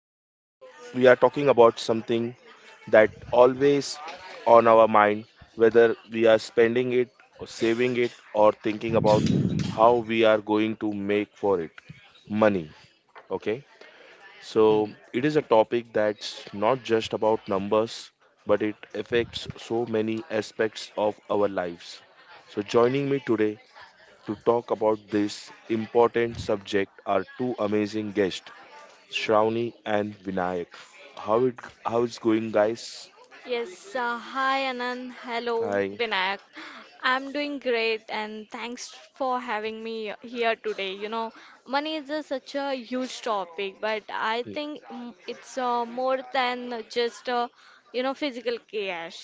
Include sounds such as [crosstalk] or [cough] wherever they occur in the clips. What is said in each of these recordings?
and today we are talking about something that always on our mind, whether we are spending it or saving it or thinking about how we are going to make for it money. Okay, so Hmm. it is a topic that's not just about numbers, but it affects so many aspects of our lives. So joining me today to talk about this important subject are two amazing guests, Shravani and Vinayak. How it how it's going, guys? Yes, hi Anand. Hello, Hi. Vinayak. I'm doing great and thanks for having me here today. Money is such a huge topic, but I think it's more than just physical cash.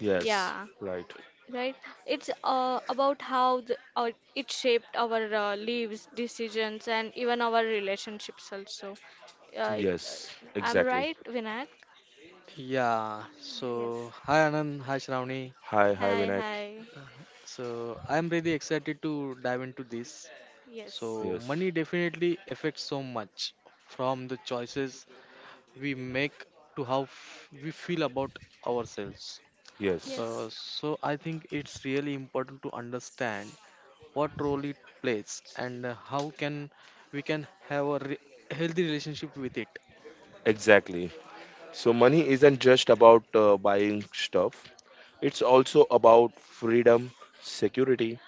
Yes. Yeah, Right. right. It's about how it shaped our lives, decisions, and even our relationships also. Uh, Yes. I'm Exactly. right, Vinayak? Yeah. Yes. So hi Anand, hi Shravani. Hi. Hi, Hi, Vinayak. hi. So I'm really excited to dive into this. Yes, So Yes. money definitely affects so much from the choices we make to how we feel about ourselves. Yes. Yes, So I think it's really important to understand what role it plays and how can we can have a healthy relationship with it. Exactly. So money isn't just about buying stuff. It's also about freedom, security,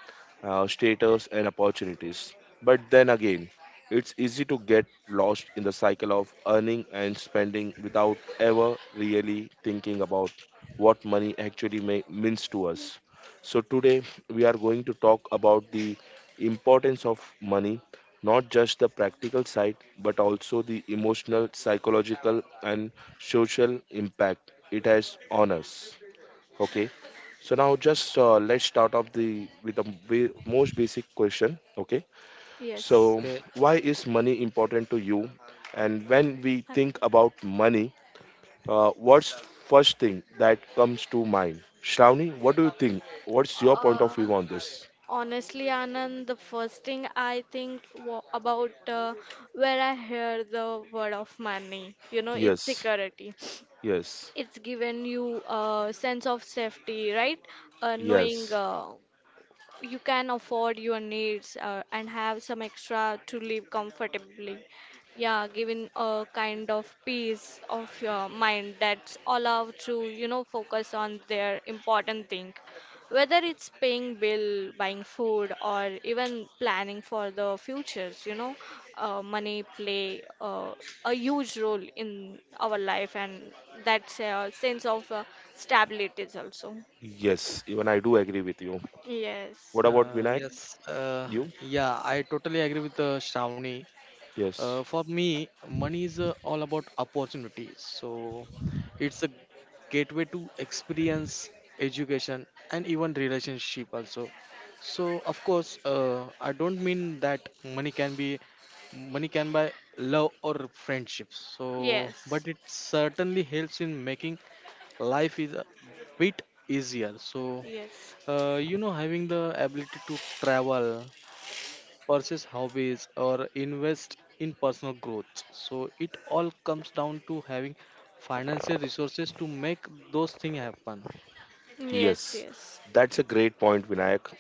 status, and opportunities. But then again, it's easy to get lost in the cycle of earning and spending without ever really thinking about what money actually means to us. So, today we are going to talk about the importance of money, not just the practical side, but also the emotional, psychological, and social impact it has on us. Okay. So now just let's start off the with the ba- most basic question. Okay. yes. So Okay. why is money important to you? And when we think about money, what's first thing that comes to mind? Shravani, what do you think? What's your point of Uh, view on this? Honestly, Anand, the first thing I think wa about where I hear the word of money, it's Yes. security. Yes. It's given you a sense of safety, right? Knowing Yes. You can afford your needs and have some extra to live comfortably. Yeah, giving a kind of peace of your mind that's allowed to, focus on their important thing. Whether it's paying bill, buying food, or even planning for the futures, money play a huge role in our life, and that's a sense of stability is also. Yes. Even I do agree with you. Yes. What about Vinayak? Yes. You? Yeah, I totally agree with Shravani. Yes. For me, money is all about opportunities. So it's a gateway to experience, education, and even relationship also. So of course, I don't mean that money can buy love or friendships. So, but Yes, it certainly helps in making life is a bit easier. So, yes, having the ability to travel pursue hobbies or invest in personal growth so it all comes down to having financial resources to make those things happen. yes, Yes, yes. that's a great point, Vinayak.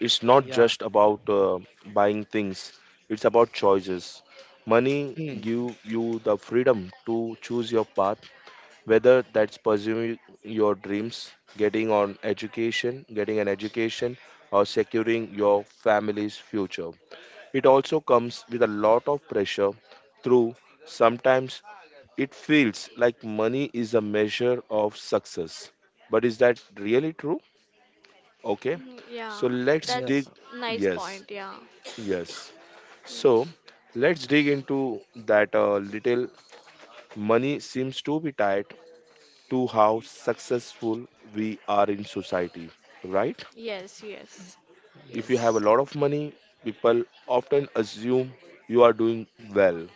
It's not Yeah. just about buying things, it's about choices. Money Hmm. give you the freedom to choose your path, whether that's pursuing your dreams, getting an education, or securing your family's future. It also comes with a lot of pressure through sometimes it feels like money is a measure of success. But is that really true? Okay, Yeah, so let's Yeah. dig. that's nice Yes, point. Yeah. yes. Mm, So let's dig into that a little. Money seems to be tied to how successful we are in society, right? Yes, yes, If you yes. have a Yes. lot of money, people often assume you are doing well.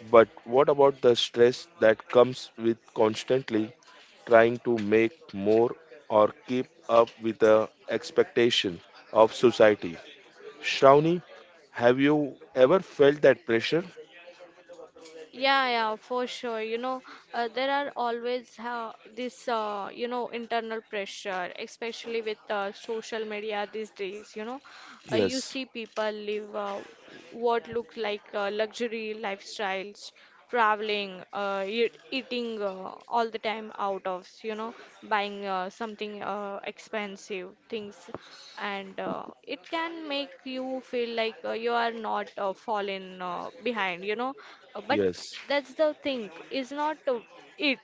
But what about the stress that comes with constantly trying to make more or keep up with the expectation of society? Shravani, have you ever felt that pressure? Yeah, yeah, for sure. There are always this, internal pressure, especially with social media these days. You Yes, see people live what look like luxury lifestyles traveling, eating all the time out of, buying something expensive things, and it can make you feel like you are not fallen behind, But yes, that's the thing, is not it.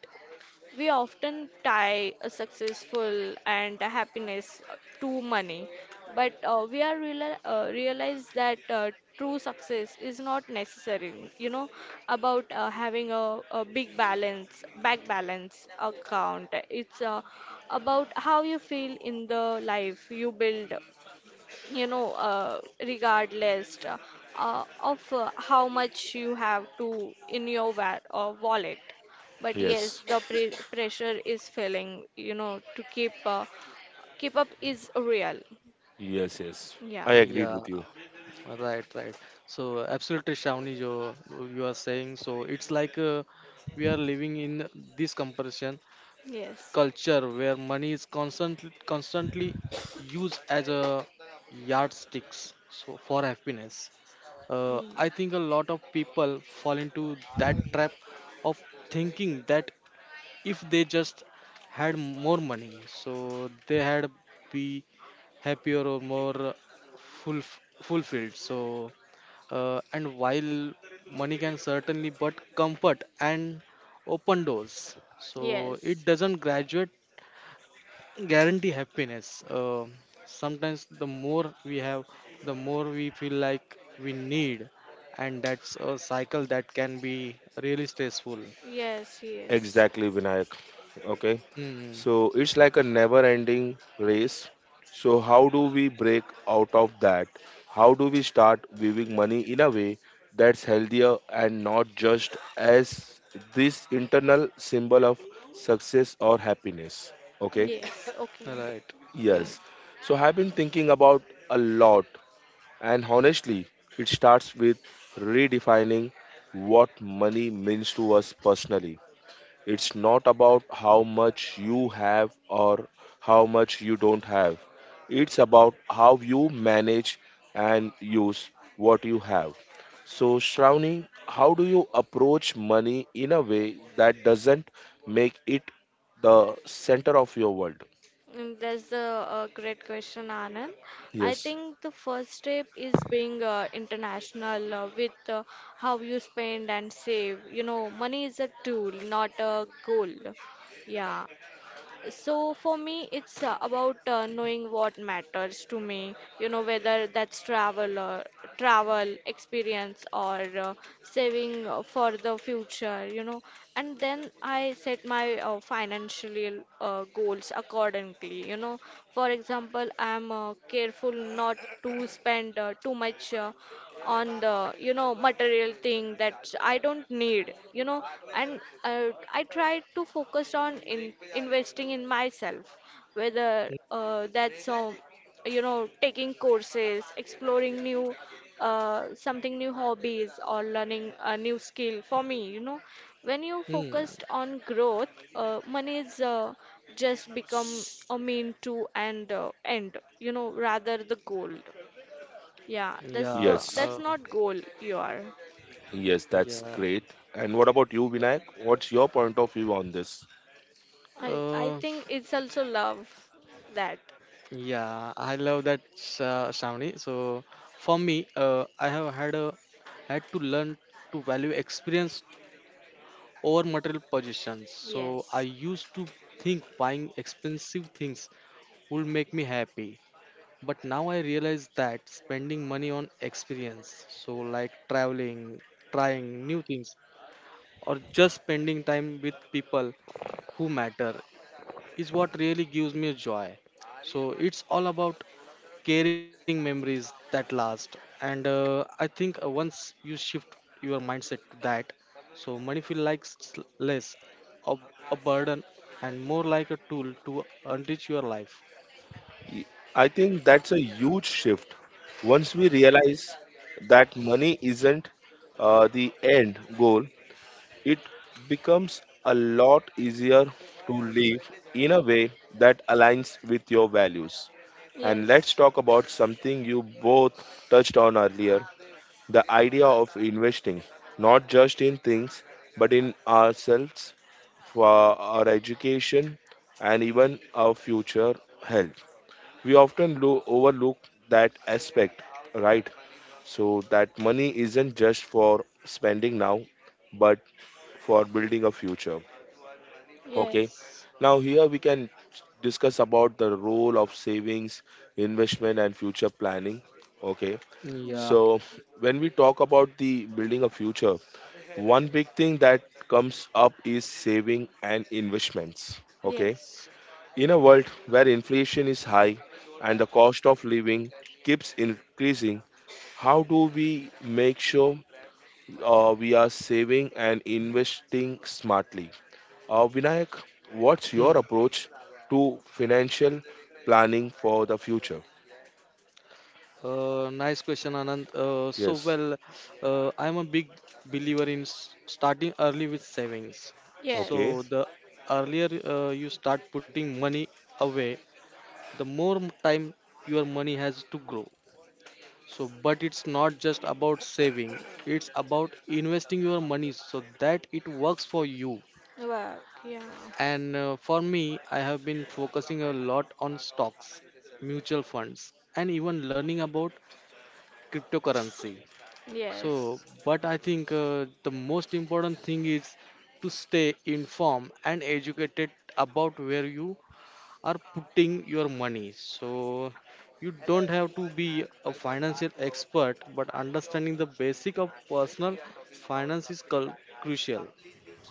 We often tie a successful and a happiness to money, but we are realize that true success is not necessary. About having a big balance, bank balance account. It's about how you feel in the life you build you know uh, regardless of how much you have to in your wallet. But yes, yes, the pressure is feeling to keep up is real. yes, yes. Yeah. I agreed Yeah. with you. Right. Right. So absolutely Shravani, you are saying so it's like we are living in this comparison Yes. culture where money is constantly used as a yardsticks so for happiness. I Mm. think a lot of people fall into that trap of thinking that if they just had more money so they had be happier or more full, fulfilled so and while money can certainly but comfort and open doors so it Yes, doesn't graduate guarantee happiness. Sometimes the more we have, the more we feel like we need, and that's a cycle that can be really stressful. yes, yes, Exactly, Vinayak. Okay. Hmm. So it's like a never ending race. So, how do we break out of that? How do we start viewing money in a way that's healthier and not just as this internal symbol of success or happiness? Okay. yes, okay, Right. yeah. Yes. So, I've been thinking about a lot. And honestly, it starts with redefining what money means to us personally. It's not about how much you have or how much you don't have. It's about how you manage and use what you have. So, Shravani, how do you approach money in a way that doesn't make it the center of your world? That's a great question, Anand. I Yes, think the first step is being international with how you spend and save. You know, money is a tool, not a goal. Yeah. So for me, it's about knowing what matters to me, you know, whether that's travel experience or saving for the future, you know. And then I set my financial goals accordingly, you know. For example, I'm careful not to spend too much on the, you know, material thing that I don't need, you know. And I try to focus on in investing in myself, whether that's you know, taking courses, exploring new, something new hobbies, or learning a new skill for me, you know. When you focused Hmm. on growth, money is just become a mean to, and end, you know, rather the goal. Yeah, that's the yes. that's Yeah. not goal you are. Yes, that's great. Yeah. And what about you, Vinayak? What's your point of view on this? I think Uh, it's also love that. yeah. I love that, Shamini. So for me, I have had to learn to value experience over material possessions. So I Yes. used to think buying expensive things would make me happy. But now I realize that spending money on experience, so like traveling, trying new things, or just spending time with people who matter is what really gives me joy. So it's all about caring memories that last. And I think once you shift your mindset to that, so money feels like less of a burden and more like a tool to enrich your life. I think that's a huge shift. Once we realize that money isn't the end goal, it becomes a lot easier to live in a way that aligns with your values. And let's Yes. talk about something you both touched on earlier. The idea of investing, not just in things, but in ourselves, for our education, and even our future health. We often overlook that aspect, right? So that money isn't just for spending now, but for building a future. Okay. Yes. Now here we can discuss about the role of savings, investment, and future planning. Okay. Yeah. No. So when we talk about the building a future, one big thing that comes up is saving and investments. Okay. Yes. In a world where inflation is high and the cost of living keeps increasing, how do we make sure we are saving and investing smartly? Vinayak, what's Hmm. your approach to financial planning for the future? Nice question, Anand. So, Yes. well, I'm a big believer in starting early with savings. Okay. So, Yes. the earlier you start putting money away, the more time your money has to grow. So, but it's not just about saving, it's about investing your money so that it works for you. Work. Yeah. And for me, I have been focusing a lot on stocks, mutual funds, and even learning about cryptocurrency. So, Yes. but I think the most important thing is to stay informed and educated about where you are putting your money. So you don't have to be a financial expert, but understanding the basic of personal finance is crucial.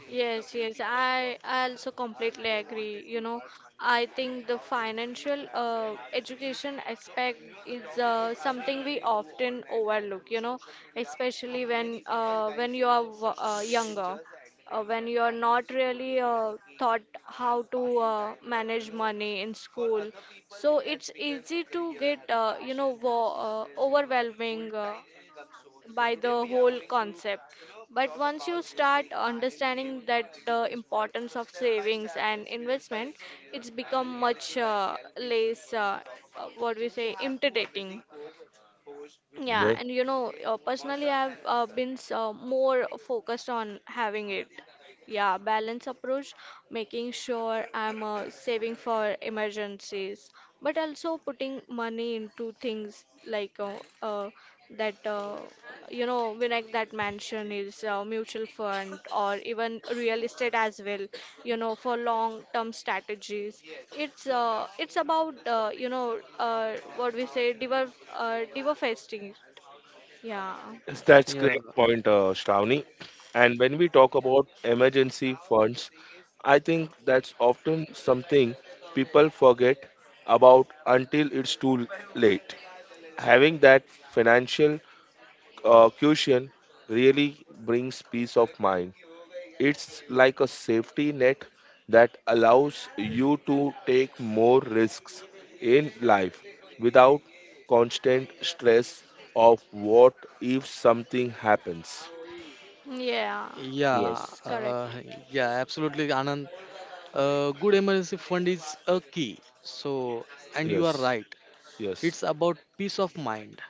Yes, way, yes, people I, work, I also earn completely more agree money. You contribute know, earn I and think the financial, education. So aspect is something we often overlook. You know, especially when you are like younger, when you're not really taught how to manage money in school. So it's easy to get overwhelming by the whole concept. But once you start understanding that the importance of savings and investment, it's become much less, what we say, intimidating. Yeah, and you know, personally, I've been so more focused on having it. Yeah, balance approach, making sure I'm saving for emergencies, but also putting money into things like that, uh, you know, Vinayak, that mansion is mutual fund or even real estate as well, you know, for long-term strategies. It's about, what we say, diver fasting. Yeah. Yes, that's Yeah, great point, Shravani. And when we talk about emergency funds, I think that's often something people forget about until it's too late. Having that financial cushion really brings peace of mind. It's like a safety net that allows you to take more risks in life without constant stress of what if something happens. Yeah. yeah, Yes, Yes, correct. Yeah, absolutely, Anand. Good emergency fund is a key. So, and you are yes, right. yes, It's about peace of mind.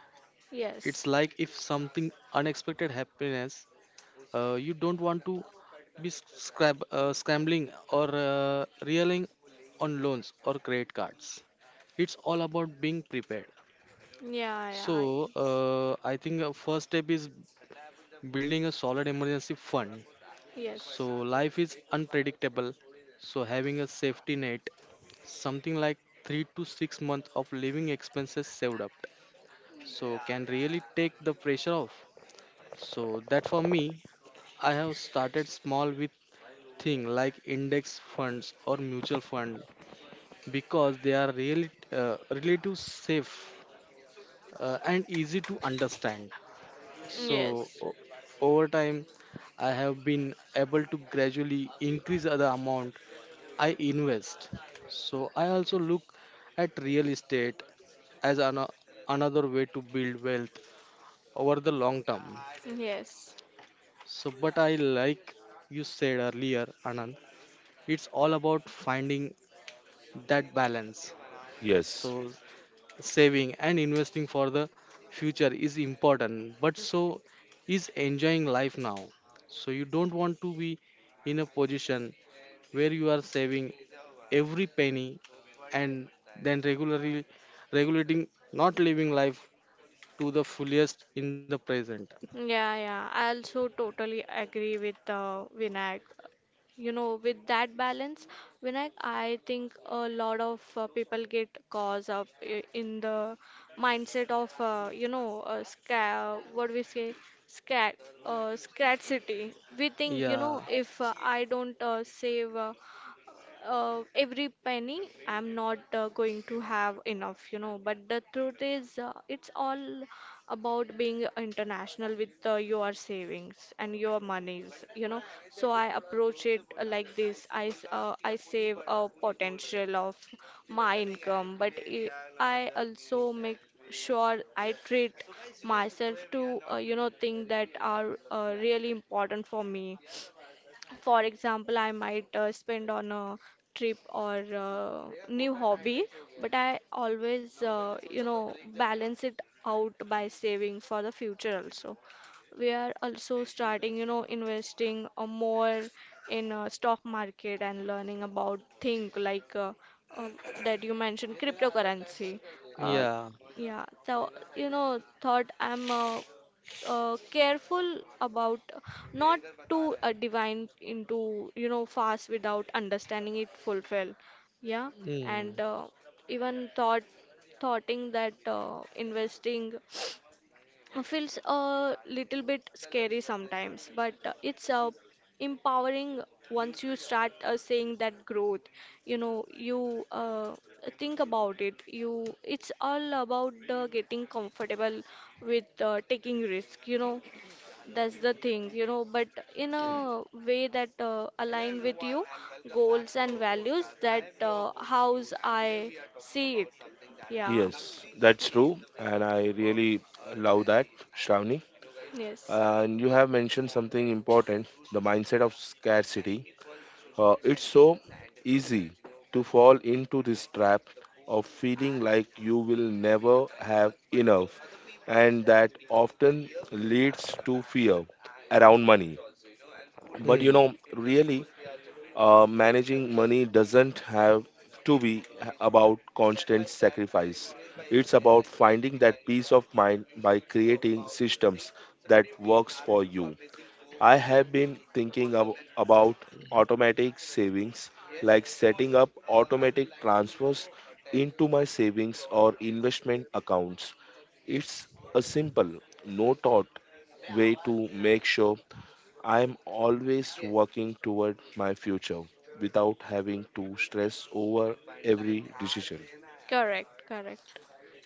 It's Yes. like if something unexpected happiness. You don't want to be scrambling or reeling on loans or credit cards. It's all about being prepared. Yeah, yeah. So Yes, I think first step is building a solid emergency fund. yes, So life is unpredictable. So having a safety net, something like 3 to 6 months of living expenses saved up, so can really take the pressure off. So that for me, I have started small with thing like index funds or mutual fund because they are really relative safe and easy to understand. So yes, over time, I have been able to gradually increase the amount I invest. So I also look at real estate as another way to build wealth over the long term. yes. So, but I like you said earlier, Anand, it's all about finding that balance. yes, So, saving and investing for the future is important, but so is enjoying life now. So, you don't want to be in a position where you are saving every penny and then regularly regulating not living life to the fullest in the present. Yeah, yeah. I also totally agree with Vinayak. You know, with that balance, Vinayak, I think a lot of people get caught up in the mindset of, you know, sca what we say, scat, scarcity. We think, you know, Yeah, if I don't save, every penny I'm not going to have enough, you know. But the truth is, it's all about being international with your savings and your monies, you know. So I approach it like this. I save a potential of my income, but I also make sure I treat myself to, you know, things that are really important for me. For example, I might spend on a trip or new hobby, but I always, you know, balance it out by saving for the future also. We are also starting, you know, investing more in stock market and learning about thing like, um, that you mentioned, cryptocurrency. Uh, yeah. yeah, so, you know, thought I'm, careful about not to divine into, you know, fast without understanding it fulfill. Yeah. Hmm. And even thought thoughting that investing feels a little bit scary sometimes, but it's empowering once you start seeing that growth. You know, you think about it. You, it's all about getting comfortable with taking risk. You know, that's the thing, you know. But in a way that align with you goals and values. That how's I see it. Yeah. yes. That's true, and I really love that, Shravani. Yes. And you have mentioned something important, the mindset of scarcity. It's so easy to fall into this trap of feeling like you will never have enough, and that often leads to fear around money. But you Hmm. know, really, managing money doesn't have to be about constant sacrifice. It's about finding that peace of mind by creating systems that works for you. I have been thinking about automatic savings, like setting up automatic transfers into my savings or investment accounts. It's a simple, no thought way to make sure I am always working toward my future without having to stress over every decision. Correct, correct.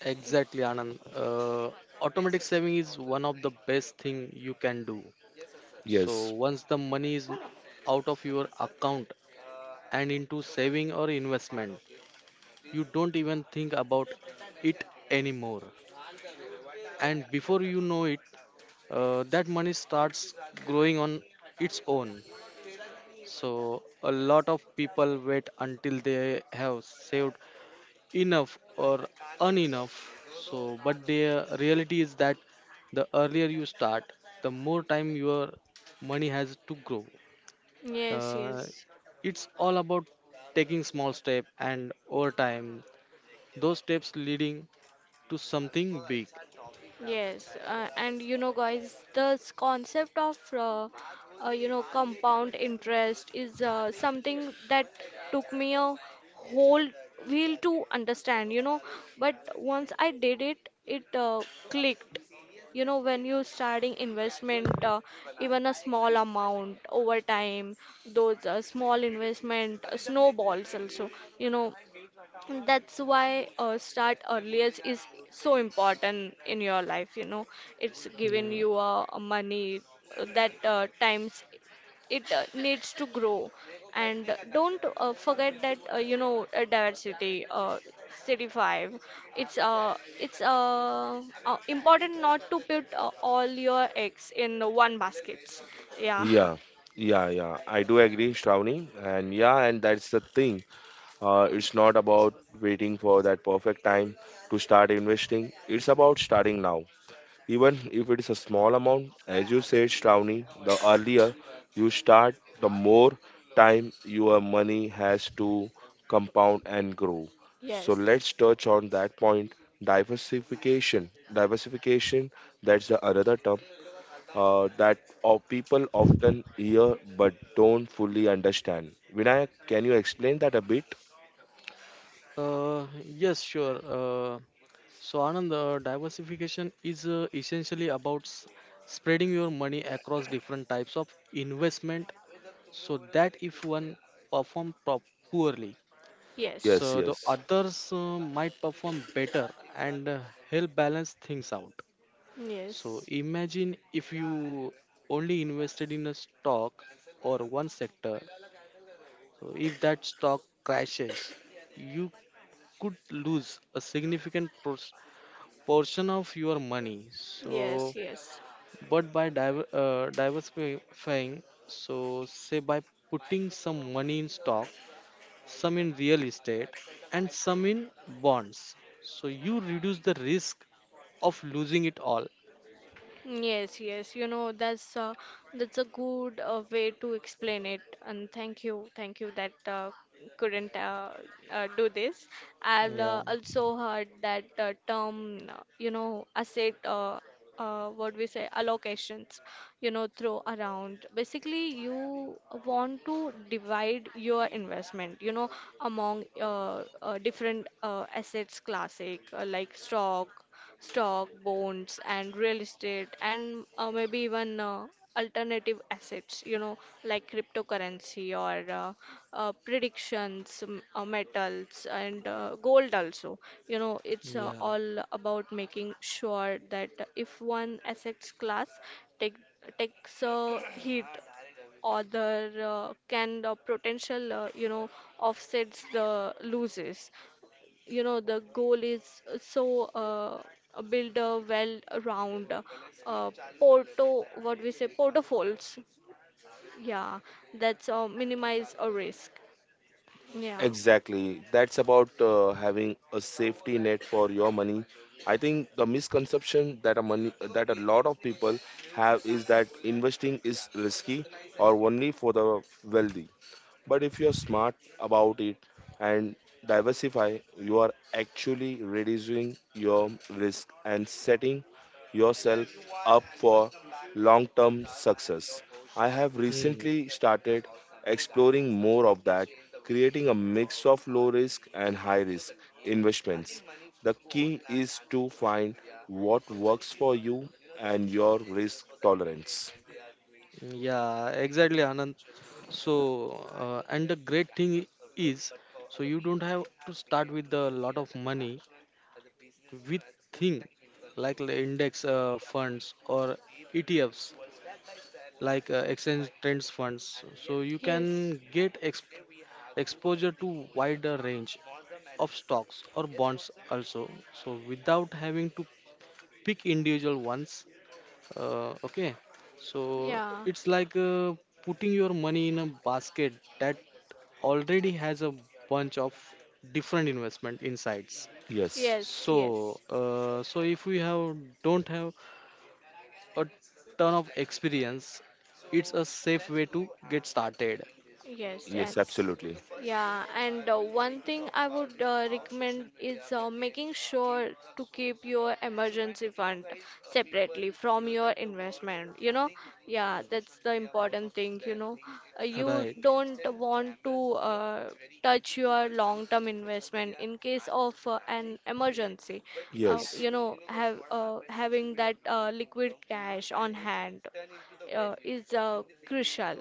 Exactly, Ex-. Anand. Automatic saving is one of the best thing you can do. So Yes. once the money is out of your account and into saving or investment, you don't even think about it anymore. And before you know it, that money starts growing on its own. So a lot of people wait until they have saved enough or unenough. So, but the reality is that the earlier you start, the more time your money has to grow. Yes, Uh, yes. it's all about taking small step and over time, those steps leading to something big. Yes, and you know, guys, the concept of, you know, compound interest is something that took me a whole while to understand, you know. But once I did it, it clicked. You know, when you starting investment, even a small amount over time, those small investment snowballs also. You know, and that's why start earlier is so important in your life, you know. It's given Yeah. you money that times it needs to grow. And don't forget that, diversity, city 5. It's important not to put all your eggs in one basket. Yeah. Yeah. Yeah, yeah. I do agree, Shravani. And yeah, and that's the thing. It's not about waiting for that perfect time to start investing. It's about starting now. Even if it is a small amount, as you said, Shravani, the earlier you start, the more time your money has to compound and grow. So [laughs] Yes. let's touch on that point. Diversification. Diversification, that's the another term that of people often hear but don't fully understand. Vinayak, can you explain that a bit? Yes, sure. So, Anand, diversification is essentially about spreading your money across different types of investment so that if one perform pro- poorly Yes. Yes, so the yes, others might perform better and help balance things out so Yes. imagine if you only invested in a stock or one sector so if that stock crashes you could lose a significant portion of your money so Yes. Yes. but by diversifying so say by putting some money in stock some in real estate, and some in bonds. So you reduce the risk of losing it all. Yes, yes, you know, that's a good way to explain it. And thank you, thank you, that couldn't, do this. I've Yeah, also heard that term, you know, asset, what we say, allocations, you know, throw around. Basically, you want to divide your investment, you know, among different assets classic, like stock, bonds, and real estate, and maybe even alternative assets, you know, like cryptocurrency or, predictions, metals, and gold also. You know, it's yeah, all about making sure that if one assets class take, takes a hit, other can potential, you know, offsets the losses, you know. The goal is, build a well round, uh, porto what we say, portfolios. Yeah. That's minimize a risk. Yeah. exactly. That's about having a safety net for your money. I think the misconception that a money that a lot of people have is that investing is risky or only for the wealthy. But if you're smart about it and diversify, you are actually reducing your risk and setting yourself up for long term success. I have hmm. recently started exploring more of that, creating a mix of low risk and high risk investments. The key is to find what works for you and your risk For they tolerance. they are doing Yeah, exactly, Anand. other So, and you and the great thing is, so know, you don't have a to a start with a lot a of as money passion, with thing like the index funds or ETFs, by like exchange by trends funds so you experience. can get exposure to wider range of stocks or bonds also so without having to pick individual ones okay so Yeah. it's like putting your money in a basket that already has a bunch of different investment insights Yes, Yes. so Yes. So if we have don't have a ton of experience. It's a safe way to get started. Yes, yes, yes. absolutely. Yeah, and one thing I would recommend is making sure to keep your emergency fund separately from your investment, you know. Yeah, that's the important thing, you know. You Right. don't want to uh, touch your long-term investment in case of an emergency. Yes. You know, have having that liquid cash on hand is crucial.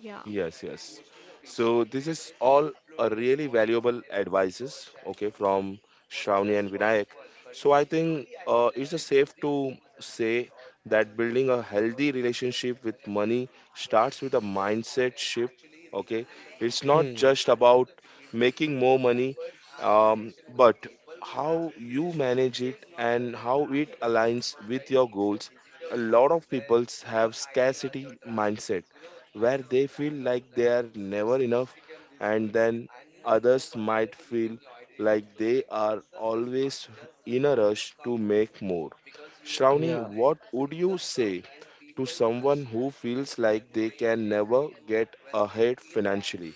Yeah. Yes, yes. So this is all a really valuable advices, okay, from Shravani and Vinayak. So I think it's a safe to say that building a healthy relationship with money starts with a mindset shift. Okay, it's not Hmm. just about making more money, but how you manage it and how it aligns with your goals. A lot of people have scarcity mindset where they feel like they are never enough, and then others might feel like they are always in a rush to make more. Shravani, Yeah. what would you say to someone who feels like they can never get ahead financially?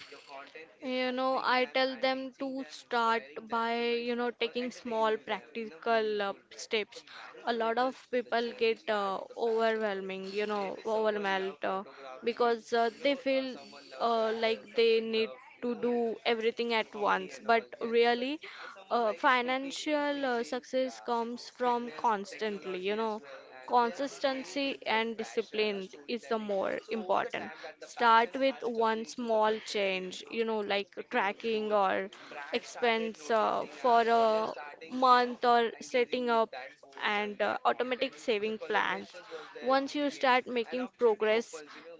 You know, I tell them to start by, you know, taking small practical steps. A lot of people get overwhelming, you know, overwhelmed, because they feel like they need to do everything at once. But really, financial success comes from constantly, you know, consistency and discipline is the more important. Start with one small change, you know, like tracking or expense for a month or setting up and automatic saving plans. Once you start making progress,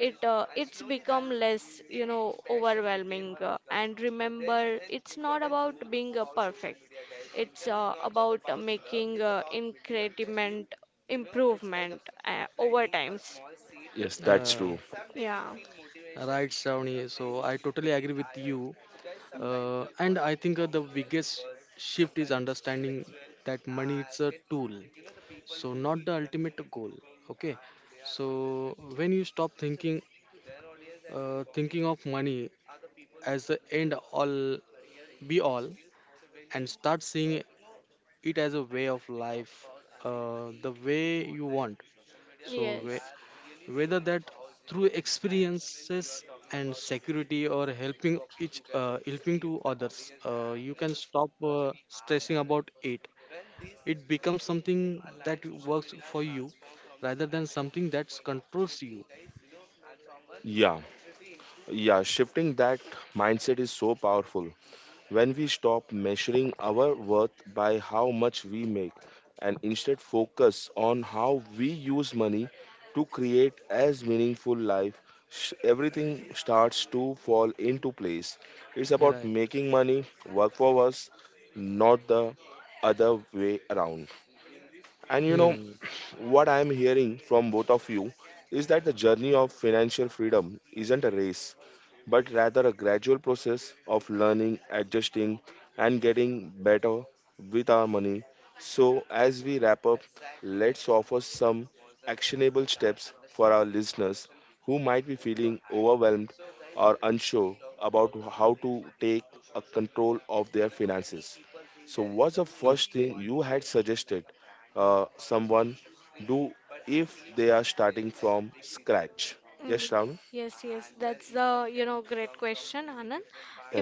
it it's become less, you know, overwhelming. And remember, it's not about being perfect. It's about making increment improvement over times. Yes, that's Yeah. Uh, true. Yes. right, Shravani. So I totally agree with you. And I think the biggest shift is understanding that money it's a tool, so not the ultimate goal. Okay. So when you stop thinking of money as the end all be all, and start seeing it as a way of life the way you want so whether that through experiences and security or helping to others you can stop stressing about it. It becomes something that works for you rather than something that controls you. Yeah, yeah, shifting that mindset is so powerful. When we stop measuring our worth by how much we make and instead focus on how we use money to create as meaningful life, everything starts to fall into place. It's about Right. making money work for us, not the other way around. And you know Hmm. what I am hearing from both of you is that the journey of financial freedom isn't a race but rather a gradual process of learning, adjusting, and getting better with our money. So, as we wrap up, let's offer some actionable steps for our listeners who might be feeling overwhelmed or unsure about how to take a control of their finances. So, what's the first thing Okay. you had suggested someone do if they are starting from scratch? Yes, Mm, Shravani. Yes, yes, that's the, you know, great question, Anand.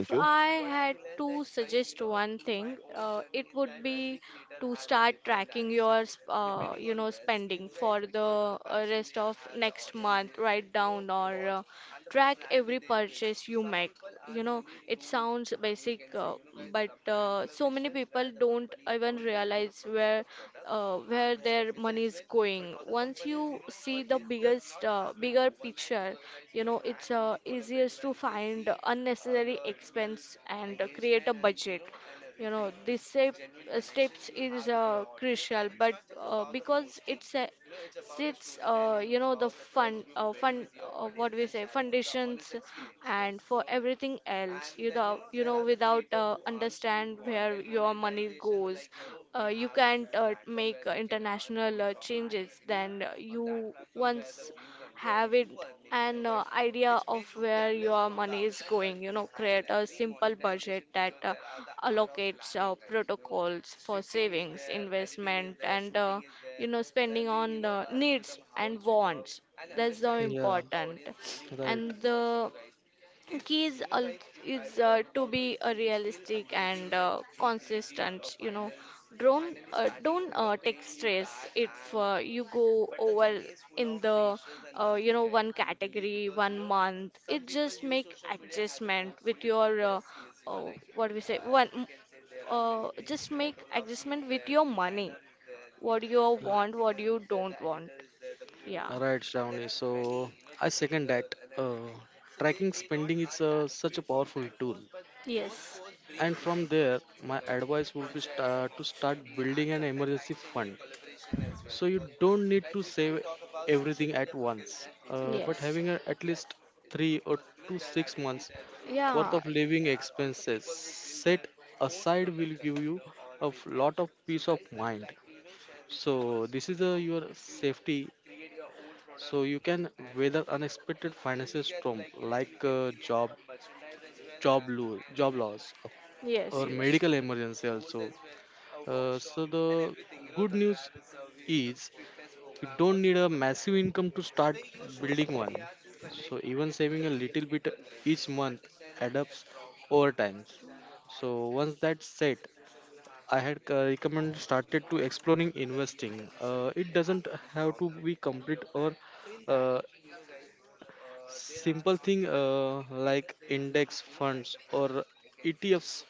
If you. I had to suggest one thing, it would be to start tracking your spending for the rest of next month. Write down or track every purchase you make. you know it sounds basic, but so many people don't even realize where their money is going. Once you see the bigger picture, it's easiest to find unnecessary expense and create a budget. You know, this step, Steps is crucial, but because it's a, the fund, what we say, foundations, and for everything else. Without understand where your money goes. You can't make international changes, then you once have it an idea of where your money is going. Create a simple budget that allocates protocols for savings, investment, and spending on needs and wants. That's so Yeah. important. Right. And the keys is to be realistic and consistent. Don't take stress if you go over in the one category one month. It just make adjustment with your uh, what we say one just make adjustment with your money, what you Uh, want, what you don't want. Yeah. Right, Shravani. So I second that. Tracking spending is such a powerful tool. And from there, my advice would be to start building an emergency fund. So you don't need to save everything at once, but having at least 3 or 2 6 months worth of living expenses set aside will give you a lot of peace of mind. So this is your safety so you can weather unexpected financial storm like job loss Yes, or medical emergency also. So the good news is you don't need a massive income to start building one. So even saving a little bit each month adds up over time. So once that's set, I had recommended started to exploring investing. It doesn't have to be complete or uh, simple thing like index funds or ETFs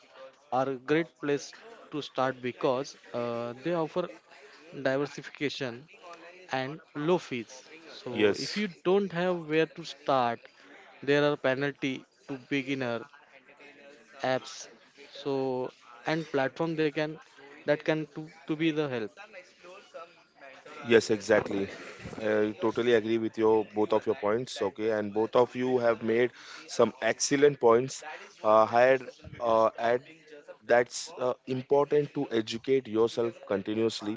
are a great place to start because they offer diversification and low fees. So if Yes. you don't have where to start, there are penalty to beginner apps. So and platform they can that can to be the help. Yes, exactly. I totally agree with your both of your points. Okay, and both of you have made some excellent points. Had at that's important to educate yourself continuously.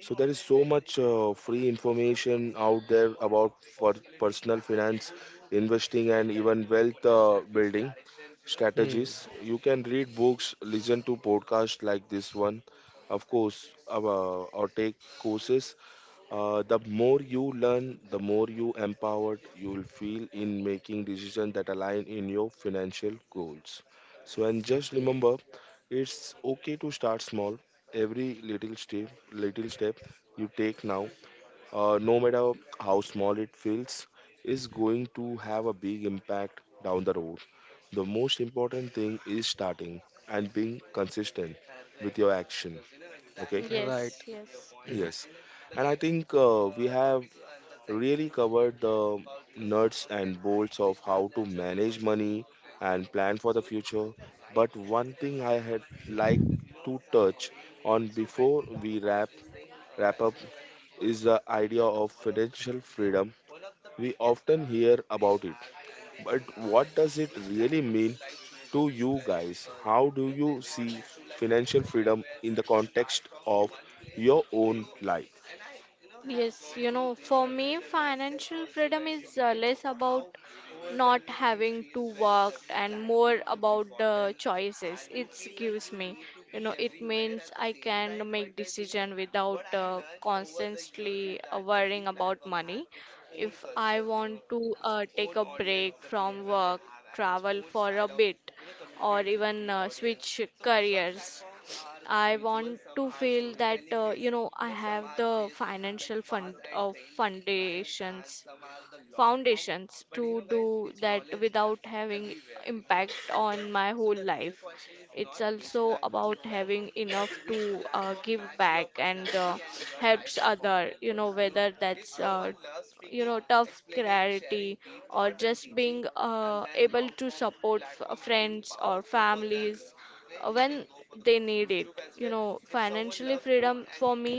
So there is so much free information out there about for personal finance, investing, and even wealth building Hmm. strategies. You can read books, listen to podcasts like this one, of course, or take courses. Uh, the more you learn, the more you empowered you will feel in making decisions that align in your financial goals. So, and just Okay. remember, it's okay to start small. Every little step you take now, no matter how small it feels, is going to have a big impact down the road. The most important thing is starting and being consistent with your action. Okay. Right. Yes. And I think we have really covered the nuts and bolts of how to manage money and plan for the future. But one thing I had like to touch on before we wrap up is the idea of financial freedom. We often hear about it, but what does it really mean to you guys? How do you see financial freedom in the context of your own life? is less and lasts more platform is about the important choices what without worrying to own bit, or even switch careers. I want to feel that I have the financial fund of foundations to do that without having impact on my whole life. It's also about having enough to give back and helps other. Whether that's tough clarity or just being able to support friends or families when they need it. Financially freedom for me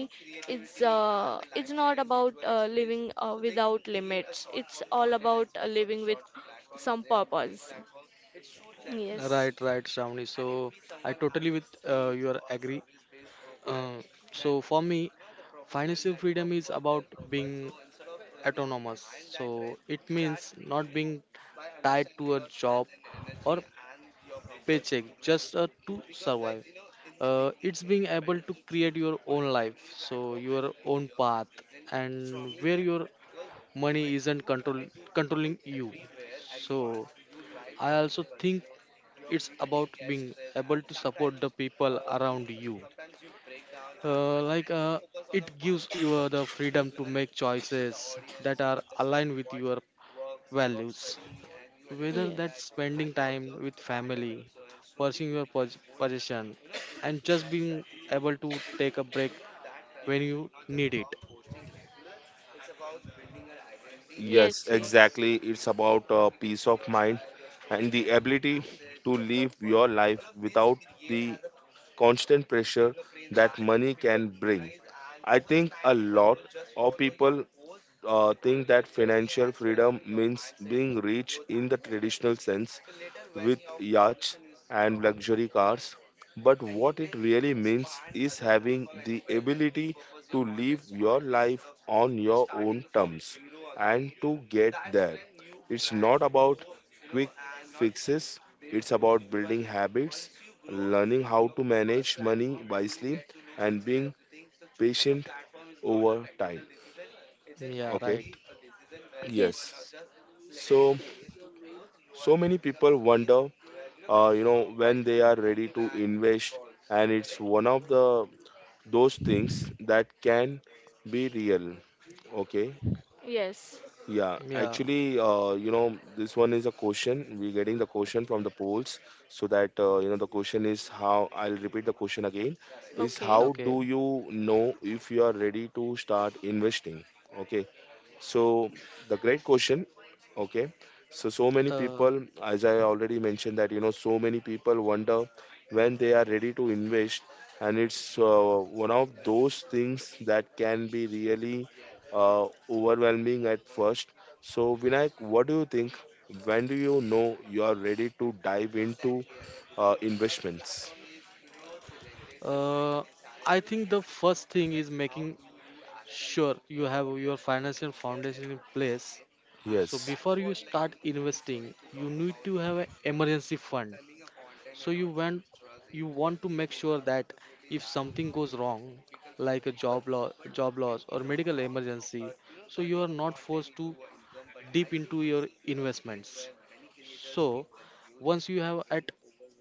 is it's not about living without limits. It's all about living with some purpose. Yes. Right. Right, Shravani. So I totally with your agree. Uh, so for me, financial freedom is about being autonomous. So it means not being tied to a job or paycheck just to survive. It's being able to create your own life, so your own path, and where your money isn't controlling you. So I also think it's about being able to support the people around you like it gives you the freedom to make choices that are aligned with your values whether Yes. that's spending time with family pursuing your position and just being able to take a break when you need it. Yes, Yes, yes. exactly. It's about peace of mind and the ability to live your life without the constant pressure that money can bring. I think a lot of people think that financial freedom means being rich in the traditional sense, with yachts and luxury cars, but what it really means is having the ability to live your life on your own terms and to get there. It's not about quick fixes, it's about building habits, learning how to manage money wisely, and being patient over time. Yeah. Okay, Right. yes. So, so many people wonder you know when they are ready to invest and it's one of the those things that can be real. Okay. Yes. Just yes. Yeah, Yeah. actually, you know, this one is a question, we're getting the question from the polls, so that, you know, the question is how, I'll repeat the question again, is Okay. how do Okay. you know if you are ready to start investing. Okay, so the great question, okay. So so many uh, people, as I already mentioned, that you know, so many people wonder when they are ready to invest, and it's one of those things that can be really overwhelming at first. So Vinayak, what do you think? When do you know you are ready to dive into investments? uh, I think the first thing is making sure you have your financial foundation in place. So Yes, before you start investing, you need to have an emergency fund. So you want to make sure that if something goes wrong, like a job loss or medical emergency, so you are not forced to deep into your investments. So once you have at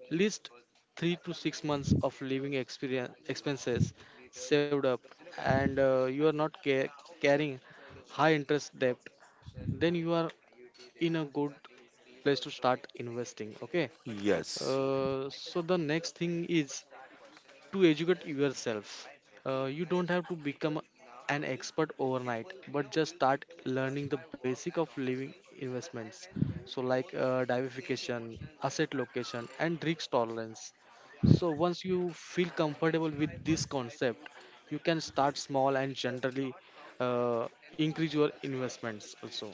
least 3 to 6 months of living experience expenses saved up, and you are not carrying high interest debt, then you are in a good place to start investing. Okay. yes. So the next thing is to educate yourself. You don't have to become an expert overnight, but just start learning the basic of living investments. So like, diversification, asset location, and risk tolerance. So once you feel comfortable with this concept, you can start small and generally uh, increase your investments also.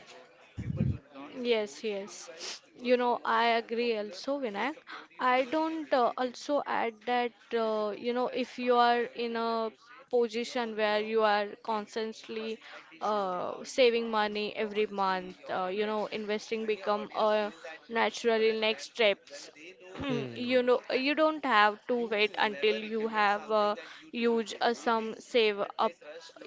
Yes, yes. I agree also, Vinayak. I don't also add that, if you are in a position where you are constantly saving money every month. Investing become a naturally next steps. [clears throat] you Hmm. know you don't have to wait until you have a huge sum save up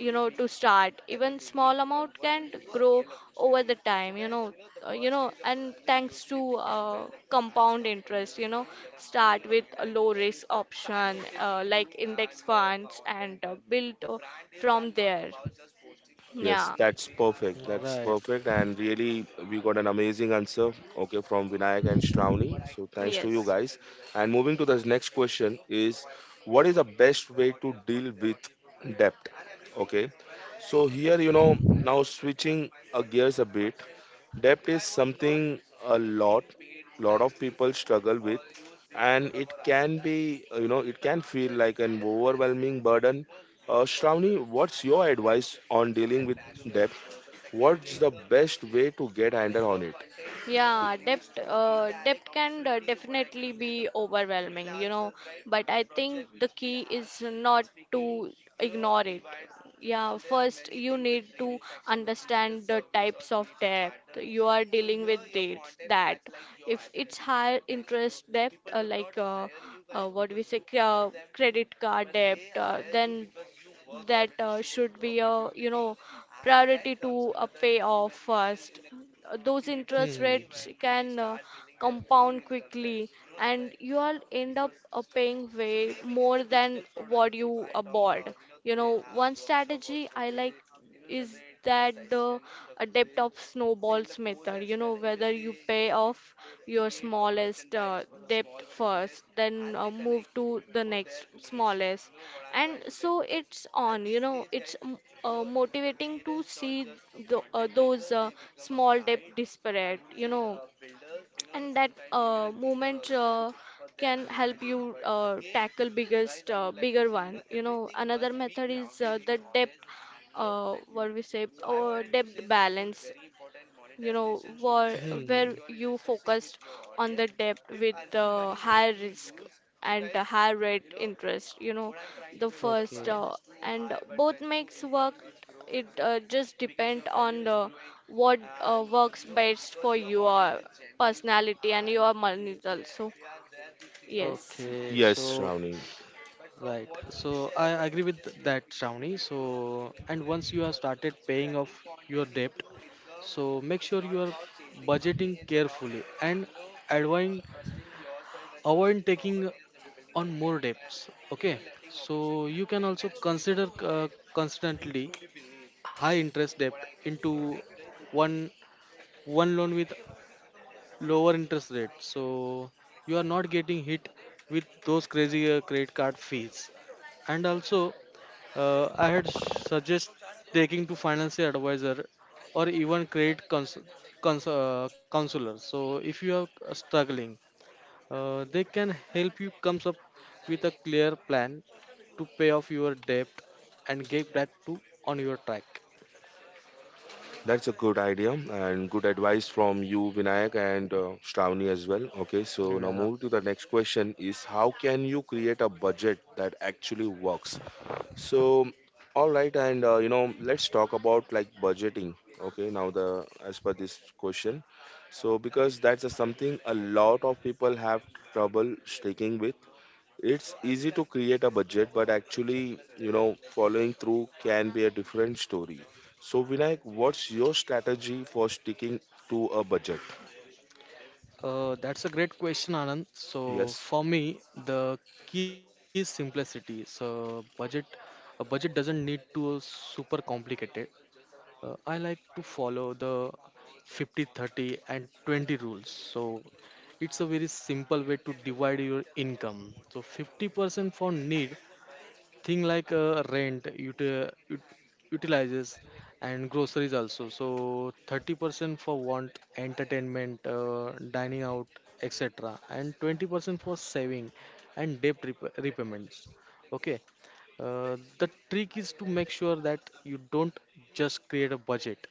to start. Even small amount can grow over the time. And thanks to compound interest, start with a low risk option like index funds and build from there. Yes, Yeah. that's perfect. That's Right. perfect. And really, we got an amazing answer, okay, from Vinayak and Shravani. So thanks to you Yes. guys. And moving to the next question is, what is the best way to deal with debt? Okay. So here, you know, now switching gears a bit, debt is something a lot of people struggle with, and it can be, you know, it can feel like an overwhelming burden. Shravani, what's your advice on dealing with debt? What's the best way to get handle on it? Yeah, depth can definitely be overwhelming, but I think the key is not to ignore it. Yeah, first you need to understand the types of depth you are dealing with dates that. If it's higher interest depth, like what do we say cre- credit card debt. Then that should be a priority to pay off first. Those interest Hmm. rates can compound quickly, and you all end up paying way more than what you bought. One strategy I like is that the adept of snowballs method. Whether you pay off your smallest debt first, then move to the next smallest, and so it's on. Motivating to see those small debt disparate. And that movement can help you tackle biggest bigger one. Another method is the depth what we say, or depth balance. You know, where, Hmm. where you focused on the depth with the higher risk and the higher rate interest. You know, the first Okay. And both makes work. It just depend on the what works best for your personality and your money also. Yes. Okay. Yes, So Shravani, right. So I agree with that, Shravani. So, and once you have started paying off your debt, so make sure you are budgeting carefully and avoid avoid taking on more debts. Okay. So you can also consider constantly high interest debt into one one loan with lower interest rate, so you are not getting hit with those crazy credit card fees. And also, I had suggest taking to financial advisor or even credit counselor. So if you are struggling, they can help you comes up with a clear plan to pay off your debt and get back to on your track. that's a good idea and good advice from you Vinayak and Shravani as well. Okay, so now Yeah. move to the next question is, how can you create a budget that actually works? So, all right, and you know, let's talk about like budgeting. Okay, now the as per this question, so because that's a, something a lot of people have trouble sticking with. It's easy to create a budget, but actually, you know, following through can be a different story. So, Vinayak, what's your strategy for sticking to a budget? That's a great question, Anand. So Yes. for me, the key is simplicity. So a budget doesn't need to super complicated. I like to follow the 50, 30, and 20 rules. So it's a very simple way to divide your income. So 50% for need thing like rent, utilizes, and groceries also. So 30% for want: entertainment, dining out, etc. And 20% for saving and debt repayments. Okay. Uh, the trick is to make sure that you don't just create a budget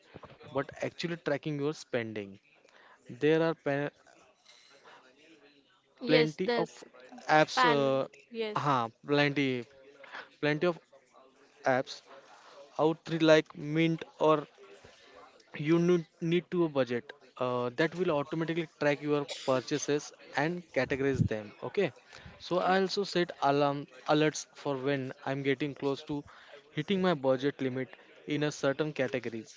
but actually tracking your spending. there are pe- Yes, Plenty of that's apps, pan. Yes. huh, plenty plenty of apps out three, like Mint or need to a budget, that will automatically track your purchases and categorize them. Okay. So I also set alarm alerts for when I'm getting close to hitting my budget limit in a certain categories.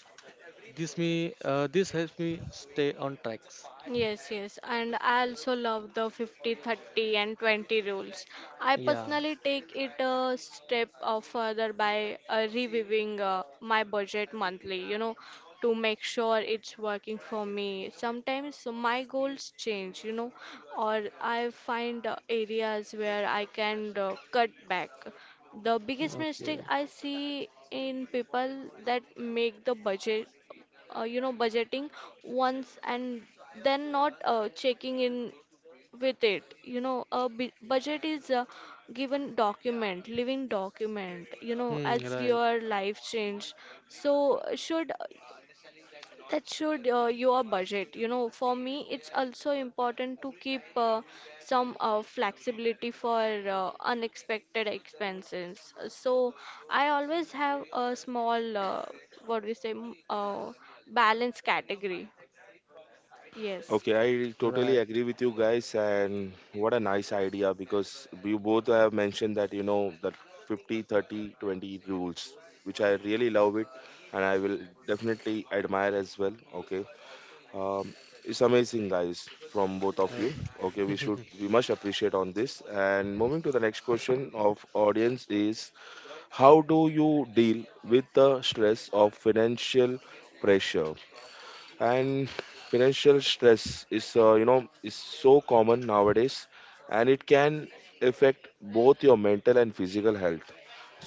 This me this helps me stay on tracks. Yes, yes, and I also love the 50/30/20 rules. I Yeah. personally take it a step further by reviewing my budget monthly, to make sure it's working for me. Sometimes my goals change, or I find areas where I can cut back. The biggest Okay. mistake I see in people that make the budget you know budgeting once and then not checking in with it. Budget is a given document living document. Hmm, As right. your life change, so should your budget. For me, it's also important to keep some flexibility for unexpected expenses. So I always have a small, what do you say, m- balance category. Yes. Okay, I totally Right. agree with you guys, and what a nice idea because you both have mentioned that you know that 50/30/20 rules, which I really love it, and I will definitely admire as well. Okay, um, it's amazing, guys, from both of Uh, you. Okay, we should [laughs] we must appreciate on this. And moving to the next question of audience is, how do you deal with the stress of financial pressure? And financial stress is, you know, is so common nowadays, and it can affect both your mental and physical health.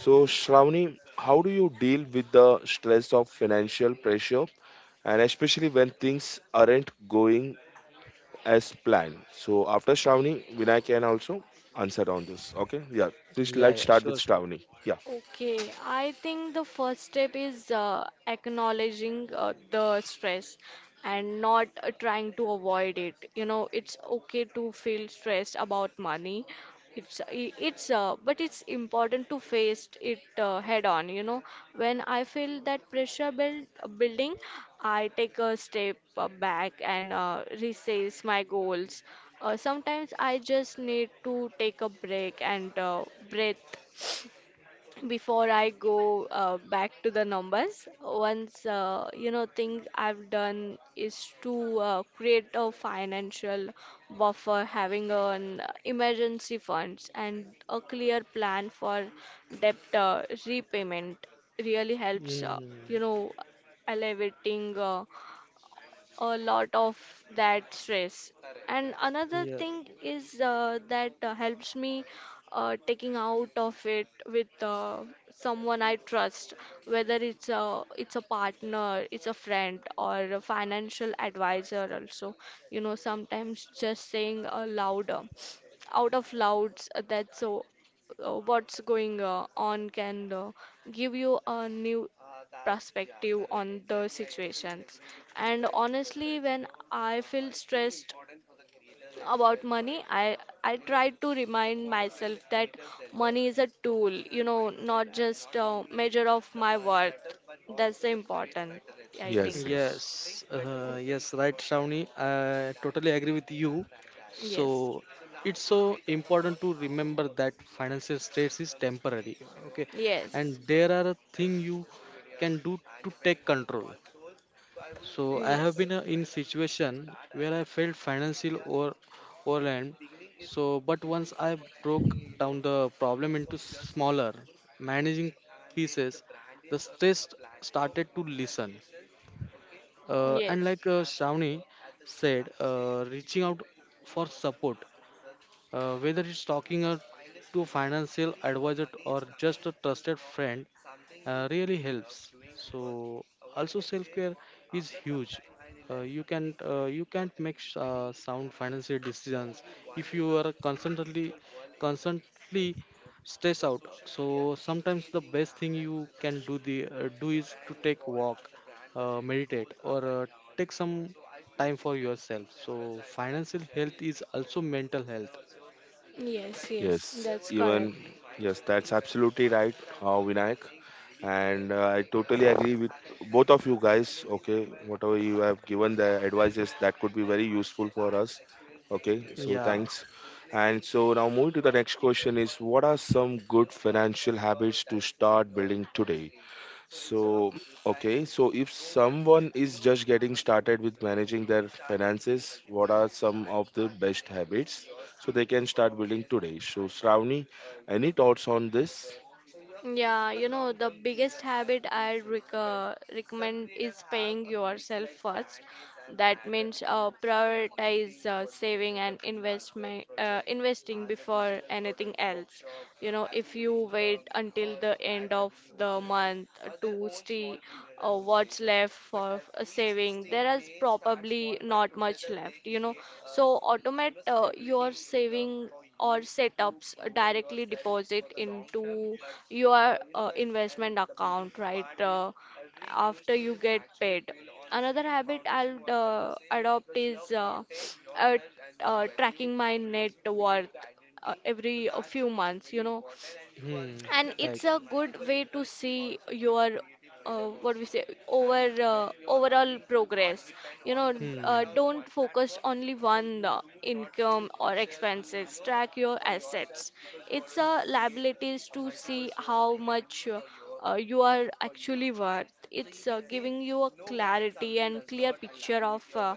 So Shravani, how do you deal with the stress of financial pressure, and especially when things aren't going as planned? So after Shravani, Vinay can also answer on this. Okay, yeah, please, yeah yeah let's start sure with sure Shravani, yeah. Okay, I think the first step is acknowledging the stress and not trying to avoid it. It's okay to feel stressed about money. It's I- it's but it's important to face it head on. When I feel that pressure building, I take a step back and reassess my goals. Sometimes I just need to take a break and breathe before I go back to the numbers. Once thing I've done is to create a financial buffer. Having an emergency funds and a clear plan for debt repayment really helps. Mm, you know, Elevating a lot of that stress. And another yeah. thing is that helps me taking out of it with someone I trust, whether it's a partner, it's a friend, or a financial advisor. Also, sometimes just saying louder out of louds, that's so what's going on can give you a new perspective on the situations. And honestly, when I feel stressed about money, I try to remind myself that money is a tool, not just a measure of my worth. That's the important, I think. Yes, yes. Yes, yes, right, Shravani. I totally agree with you. Yes, So it's so important to remember that financial stress is temporary. Okay, through yes. and there are things you can do to take control. So I have been in situation where I felt financial over overwhelmed. So, but once I broke down the problem into smaller managing pieces, the stress started to listen. And like, Shravani said, reaching out for support, whether it's talking, to a financial advisor or just a trusted Know, friend, really helps. So also self care is huge. You can't make sound financial decisions if you are constantly stressed out. So sometimes the best thing you can do the do is to take walk, meditate, or take some time for yourself. So financial health is also mental health. yes. Yes, even yes, that's absolutely right, Vinayak, and I totally agree with both of you guys. Okay, whatever you have given the advices that could be very useful for us. Okay, so Yeah. thanks. And so now moving to the next question is, what are some good financial habits to start building today? So, okay, so if someone is just getting started with managing their finances, what are some of the best habits so they can start building today? So, Shravani, any thoughts on this? Yeah, the biggest habit I recommend is paying yourself first. That means prioritize saving and investing before anything else. If you wait until the end of the month to see what's left for saving, there is probably not much left. So automate your saving or setups directly deposit into your investment account, right? After you get paid. Another habit I'll adopt is uh, tracking my net worth every few months. Hmm. And Right. it's a good way to see your what we say over overall progress. you know Hmm. Don't focus only one income or expenses. Track your assets, it's a liabilities, to see how much you are actually worth. It's giving you a clarity and clear picture of uh,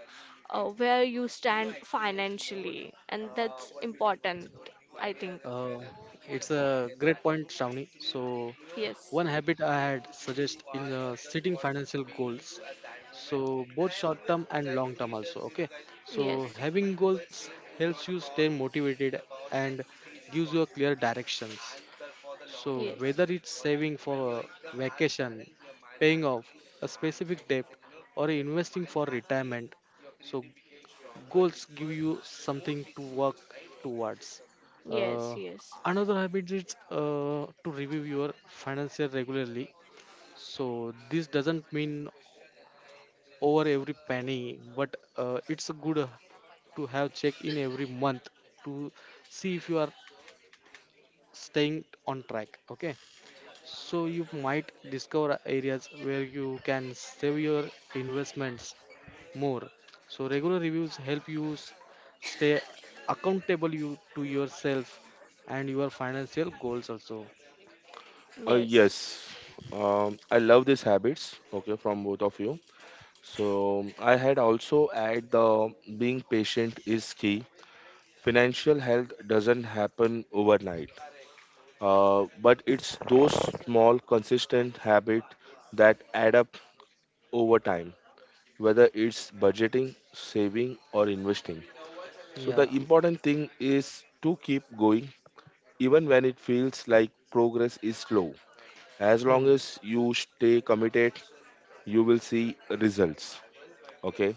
uh, where you stand financially, and that's important, I think. Uh, it's a great point, Shravani. So, Yes, one habit I had suggest in setting financial goals. So, both short term and long term also. Okay. yes, So, having goals helps you stay motivated and gives you a clear directions. So, yes, whether it's saving for a vacation, paying off a specific debt, or investing for retirement, so goals give you something to work towards. yes, Uh, yes, another habit is to review your financial regularly. So this doesn't mean over every penny, but it's good to have check in every month to see if you are staying on track. Okay, so you might discover areas where you can save your investments more. So regular reviews help you stay accountable to yourself and your financial goals also. Yes. Yes, I love these habits. Okay, from both of you. So I had also add the being patient is key. Financial health doesn't happen overnight, but it's those small, consistent habits that add up over time, whether it's budgeting, saving, or investing. So, Yeah. the important thing is to keep going even when it feels like progress is slow. As long Hmm. as you stay committed, you will see results. Okay,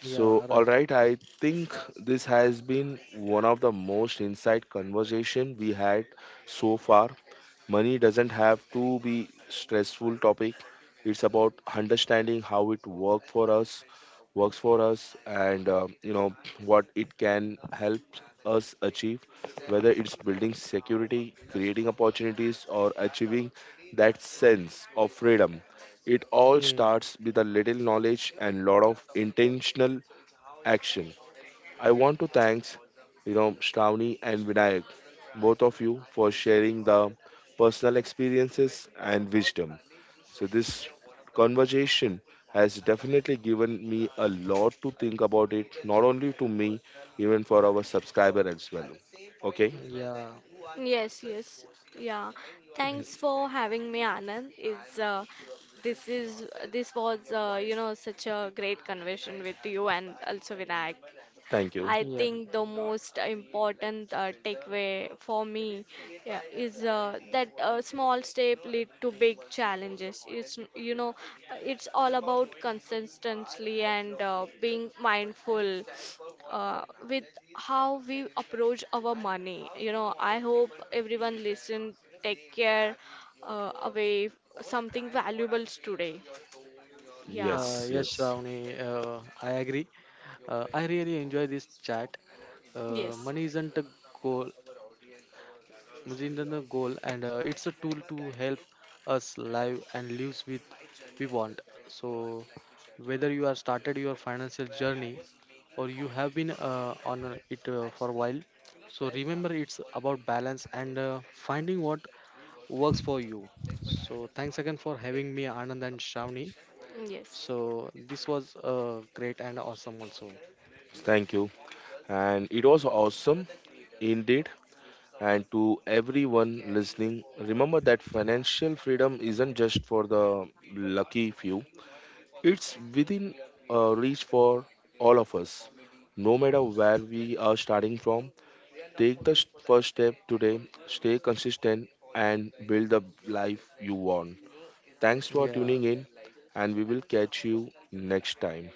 Yeah. so all Right. right, I think this has been one of the most insight conversation we had so far. Money doesn't have to be stressful topic. It's about understanding how it work for us, works for us, and you know what it can help us achieve. Whether it's building security, creating opportunities, or achieving that sense of freedom, it all Hmm. starts with a little knowledge and lot of intentional action. I want to thanks, you know, Shravani and Vinayak, both of you for sharing the personal experiences and wisdom. So this conversation has definitely given me a lot to think about it, not only to me, even for our subscriber as well. Okay, Yeah. Yes, yes. Yeah. Thanks for having me, Anand. It's this is this was you know such a great conversation with you and also Vinayak. thank you. I Yeah. think the most important takeaway for me, yeah, is that small step lead to big challenges. It's you know It's all about consistency and being mindful with how we approach our money. I hope everyone listen. Take care uh, away f- something valuable today. Yeah, Yes, Yes, yes. Shravani. I agree. I really enjoy this chat. Yes, Money isn't a goal. Mazindan goal, and it's a tool to help us live and lives with we want. So, whether you are started your financial journey or you have been on it for a while, so remember it's about balance and finding what works for you. So, thanks again for having me, Anand and Shravani. yes, So, this was great and awesome also. Thank you. And it was awesome indeed. And to everyone listening, remember that financial freedom isn't just for the lucky few, it's within reach for all of us. No matter where we are starting from, take the first step today, stay consistent, and build the life you want. Thanks for Yeah, tuning in, and we will catch you next time.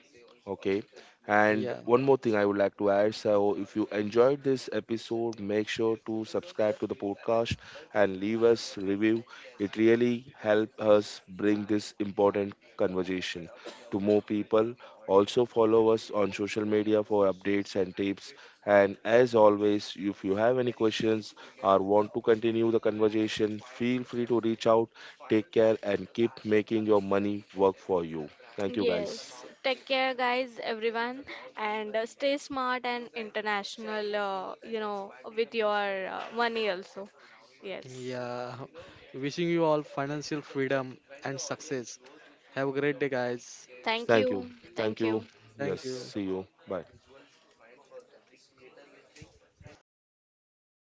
Okay. And yeah. one more thing I would like to add. So, if you enjoyed this episode, make sure to subscribe to the podcast and leave us review. It really helps us bring this important conversation to more people. Also, follow us on social media for updates and tips. And as always, if you have any questions or want to continue the conversation, feel free to reach out. Take care and keep making your money work for you. Thank you, guys. yes. Take care, guys, everyone, and stay smart and international, with your money also. Yes. Yeah. [laughs] Wishing you all financial freedom and success. Have a great day, guys. Thank Thank you. you. Thank Thank you. you. Yes. Thank you. See you. Bye.